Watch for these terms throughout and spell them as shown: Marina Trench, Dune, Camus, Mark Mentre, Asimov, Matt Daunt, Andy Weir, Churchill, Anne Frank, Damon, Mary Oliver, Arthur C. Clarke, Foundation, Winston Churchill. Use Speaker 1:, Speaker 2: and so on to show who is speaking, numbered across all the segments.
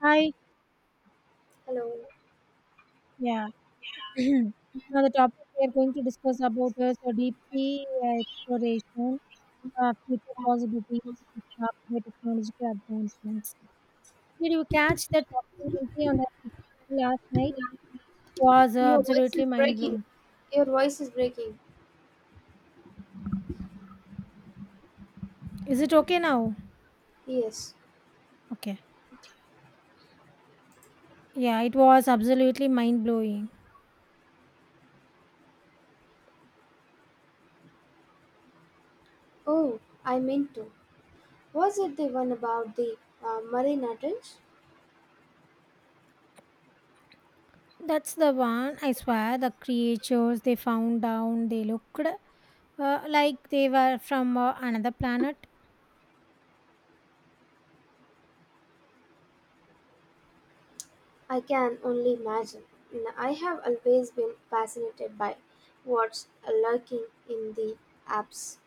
Speaker 1: Hi,
Speaker 2: Hello.
Speaker 1: yeah. Now the topic we are going to discuss about is deep sea exploration, future possibilities, and by technological advancements. Did you catch that documentary on the last night? Was
Speaker 2: Your voice
Speaker 1: absolutely
Speaker 2: is
Speaker 1: mind
Speaker 2: breaking.
Speaker 1: blowing.
Speaker 2: Your voice is breaking.
Speaker 1: Is it okay now?
Speaker 2: Yes.
Speaker 1: Okay. Yeah, it was absolutely mind blowing.
Speaker 2: Oh, I meant to. Was it the one about the Marina Trench?
Speaker 1: That's the one. I swear, the creatures they found down, they looked like they were from another planet.
Speaker 2: I can only imagine. I have always been fascinated by what's lurking in the apps.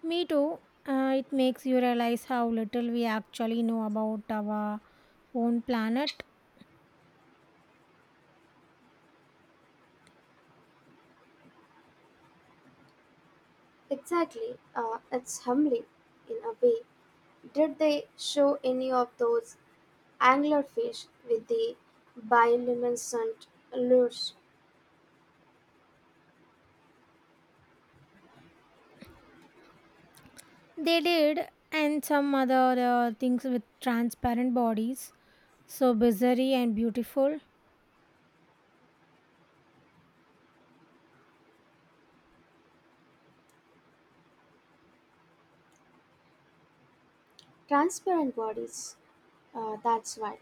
Speaker 1: Me too. It makes you realize how little we actually know about our own planet.
Speaker 2: Exactly. It's humbling in a way. Did they show any of those anglerfish with the bioluminescent lures?
Speaker 1: They did, and some other things with transparent bodies. So bizarre and beautiful.
Speaker 2: Transparent bodies, that's why.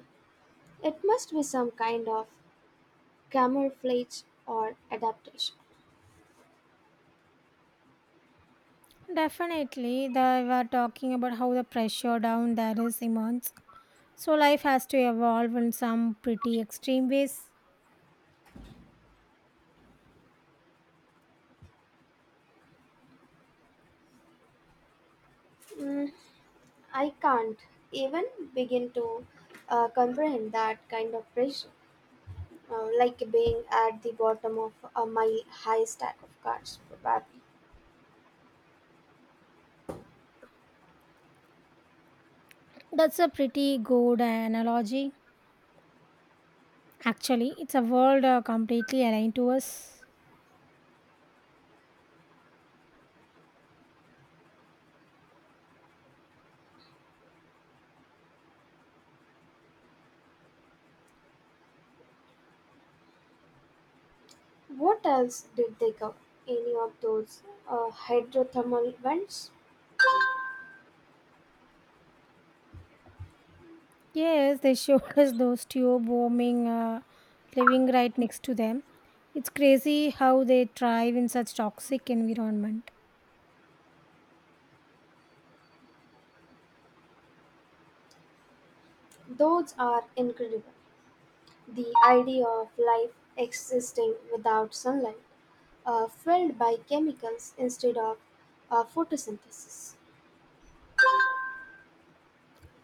Speaker 2: It must be some kind of camouflage or adaptation.
Speaker 1: Definitely, they were talking about how the pressure down there is immense. So life has to evolve in some pretty extreme ways.
Speaker 2: Mm, I can't even begin to comprehend that kind of pressure, like being at the bottom of a mile high stack of cards, probably.
Speaker 1: That's a pretty good analogy. Actually, it's a world completely aligned to us.
Speaker 2: What else did they cover? Any of those hydrothermal vents?
Speaker 1: Yes, they showed us those tube warming living right next to them. It's crazy how they thrive in such toxic environment.
Speaker 2: Those are incredible. The idea of life existing without sunlight, filled by chemicals instead of photosynthesis.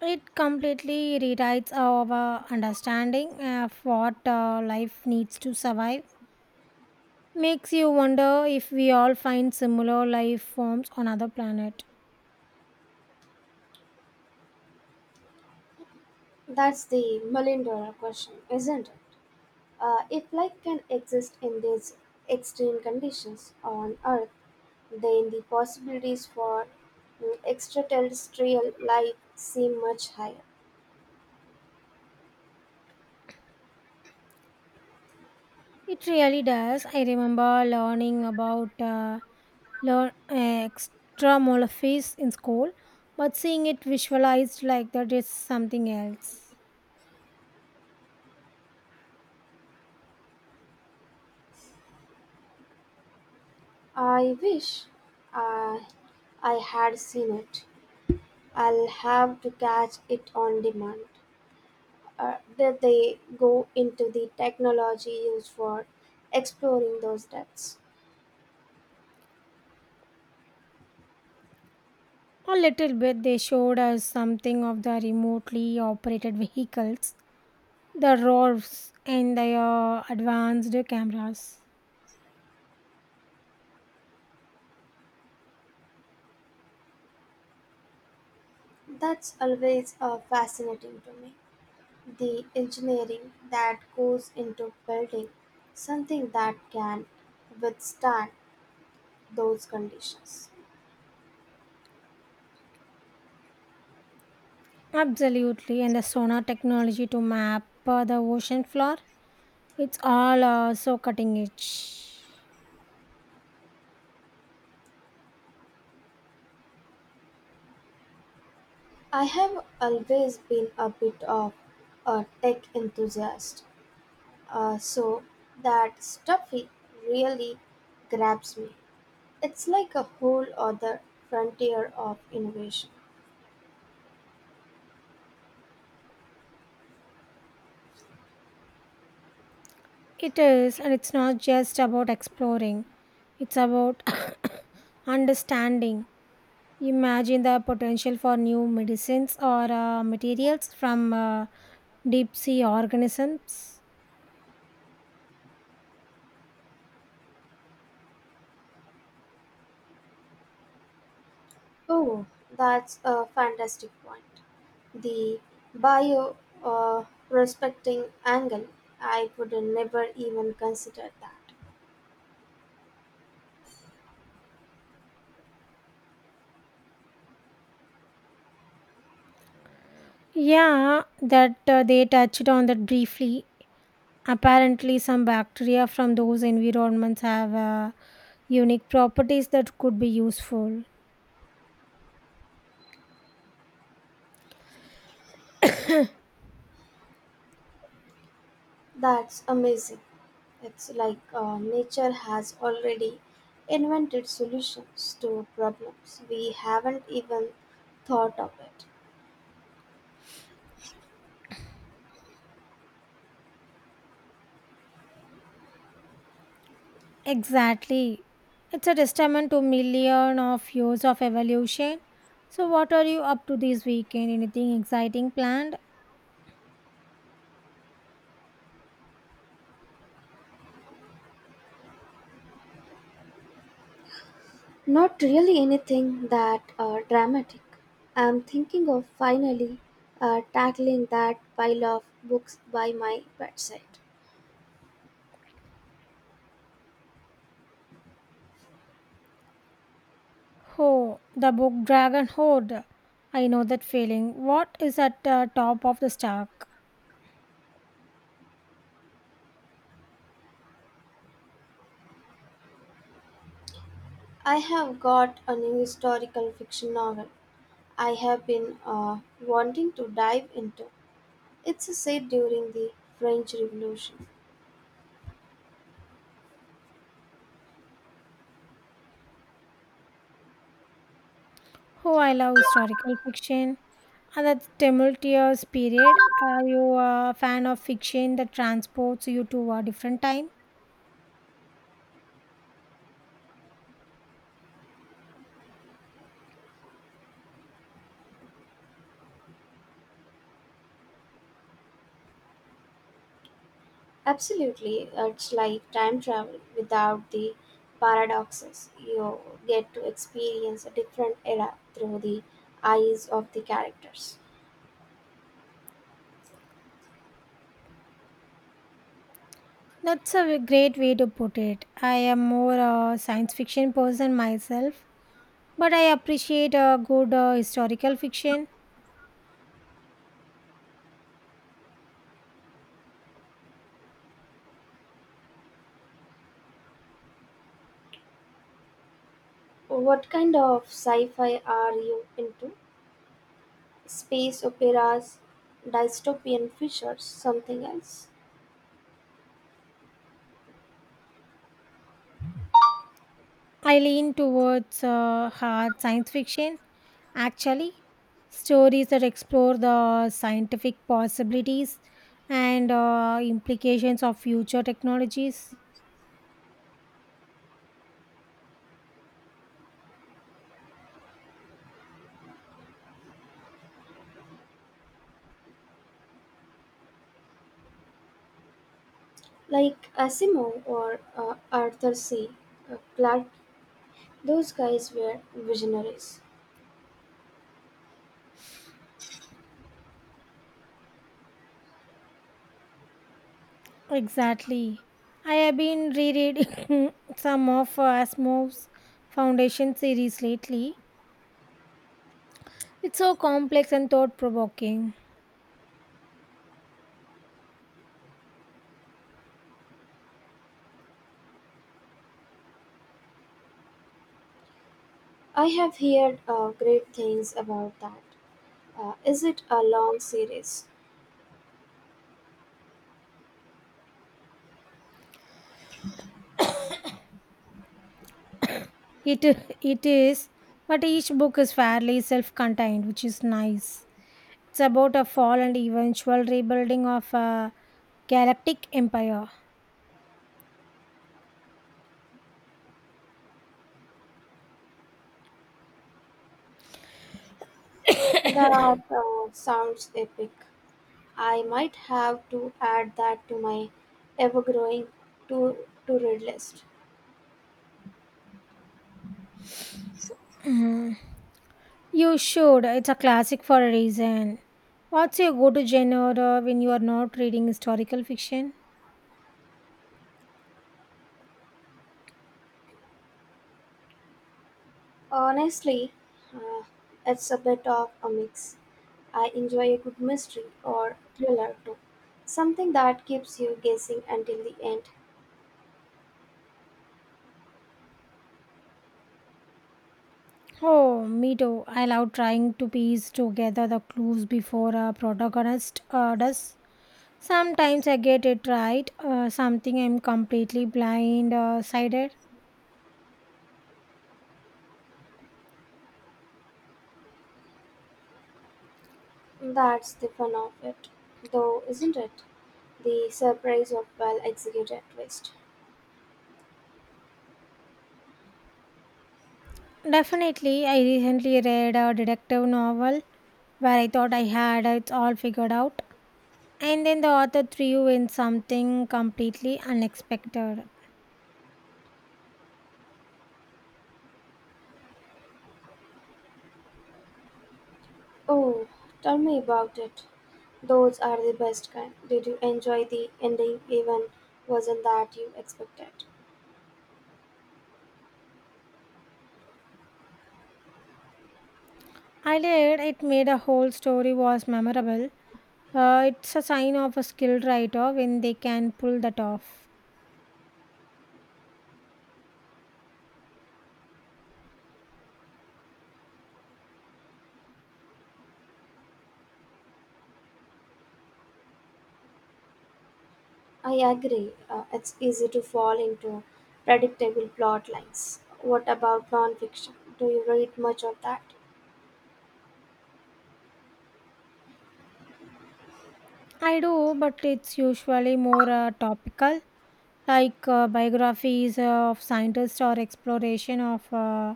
Speaker 1: It completely rewrites our understanding of what life needs to survive. Makes you wonder if we all find similar life forms on other planet.
Speaker 2: That's the million dollar question, isn't it? If life can exist in these extreme conditions on Earth, then the possibilities for extraterrestrial life seem much higher.
Speaker 1: It really does. I remember learning about learn extramural fish in school, but seeing it visualized like that is something else.
Speaker 2: I wish I, I had seen it. I'll have to catch it on demand. Did they go into the technology used for exploring those depths?
Speaker 1: A little bit they showed us something of the remotely operated vehicles, the ROVs and the advanced cameras.
Speaker 2: That's always fascinating to me. The engineering that goes into building something that can withstand those conditions.
Speaker 1: Absolutely, and the sonar technology to map the ocean floor. It's all so cutting edge.
Speaker 2: I have always been a bit of a tech enthusiast, so that stuffy really grabs me. It's like a whole other frontier of innovation.
Speaker 1: It is, and it's not just about exploring, it's about understanding. Imagine the potential for new medicines or materials from deep sea organisms.
Speaker 2: Oh, that's a fantastic point. The bio respecting angle, I would never even consider that.
Speaker 1: Yeah, that they touched on that briefly. Apparently, some bacteria from those environments have unique properties that could be useful.
Speaker 2: That's amazing. It's like nature has already invented solutions to problems we haven't even thought of it.
Speaker 1: Exactly. It's a testament to million of years of evolution. So what are you up to this weekend? Anything exciting planned?
Speaker 2: Not really anything that dramatic. I'm thinking of finally tackling that pile of books by my bedside.
Speaker 1: Oh, the book Dragon Horde. I know that feeling. What is at the top of the stack?
Speaker 2: I have got a new historical fiction novel I have been wanting to dive into. It's set during the French Revolution.
Speaker 1: Oh, I love historical fiction. And that tumultuous period. Are you a fan of fiction that transports you to a different time?
Speaker 2: Absolutely, it's like time travel without the paradoxes. You get to experience a different era through the eyes of the characters.
Speaker 1: That's a great way to put it. I am more a science fiction person myself. But I appreciate a good historical fiction.
Speaker 2: What kind of sci fi are you into? Space operas, dystopian features, something else?
Speaker 1: I lean towards hard science fiction, actually. Stories that explore the scientific possibilities and implications of future technologies.
Speaker 2: Like Asimov or Arthur C. Clarke, those guys were visionaries.
Speaker 1: Exactly. I have been rereading some of Asimov's Foundation series lately. It's so complex and thought provoking.
Speaker 2: I have heard great things about that. Is it a long series?
Speaker 1: It it is, but each book is fairly self-contained, which is nice. It's about a fall and eventual rebuilding of a galactic empire.
Speaker 2: That sounds epic. I might have to add that to my ever growing to to read list.
Speaker 1: Mhm. You should. It's a classic for a reason. What's your go-to genre when you are not reading historical fiction?
Speaker 2: Honestly, uh, it's a bit of a mix. I enjoy a good mystery or thriller too. Something that keeps you guessing until the end.
Speaker 1: Oh, me too. I love trying to piece together the clues before a protagonist does. Sometimes I get it right, something I'm completely blind sided.
Speaker 2: That's the fun of it, though, isn't it? The surprise of well executed twist.
Speaker 1: Definitely, I recently read a detective novel where I thought I had it all figured out, and then the author threw in something completely unexpected.
Speaker 2: Oh, tell me about it. Those are the best kind. Did you enjoy the ending even wasn't that you expected?
Speaker 1: I did, it made a whole story was memorable. It's a sign of a skilled writer when they can pull that off.
Speaker 2: I agree. It's easy to fall into predictable plot lines. What about nonfiction? Do you read much of that?
Speaker 1: I do, but it's usually more topical, like biographies of scientists or exploration of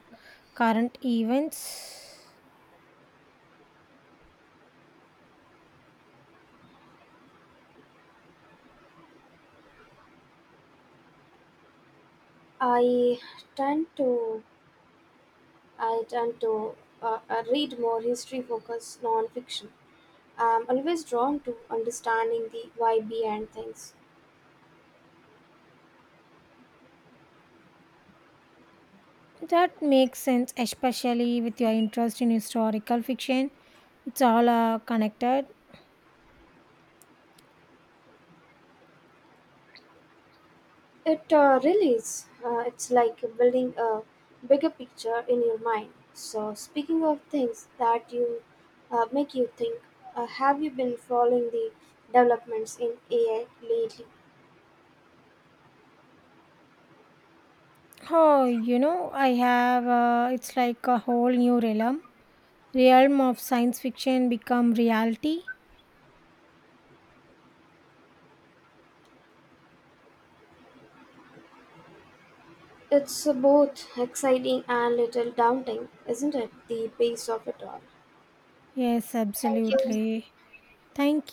Speaker 1: current events.
Speaker 2: I tend to I tend to read more history-focused nonfiction. I'm always drawn to understanding the why behind things.
Speaker 1: That makes sense, especially with your interest in historical fiction. It's all connected.
Speaker 2: It really is. It's like building a bigger picture in your mind. So, speaking of things that you make you think, have you been following the developments in AI lately?
Speaker 1: Oh, you know, I have. It's like a whole realm of science fiction become reality.
Speaker 2: It's both exciting and little daunting, isn't it? The pace of it all.
Speaker 1: Yes,
Speaker 2: Thank you.
Speaker 1: absolutely. Thank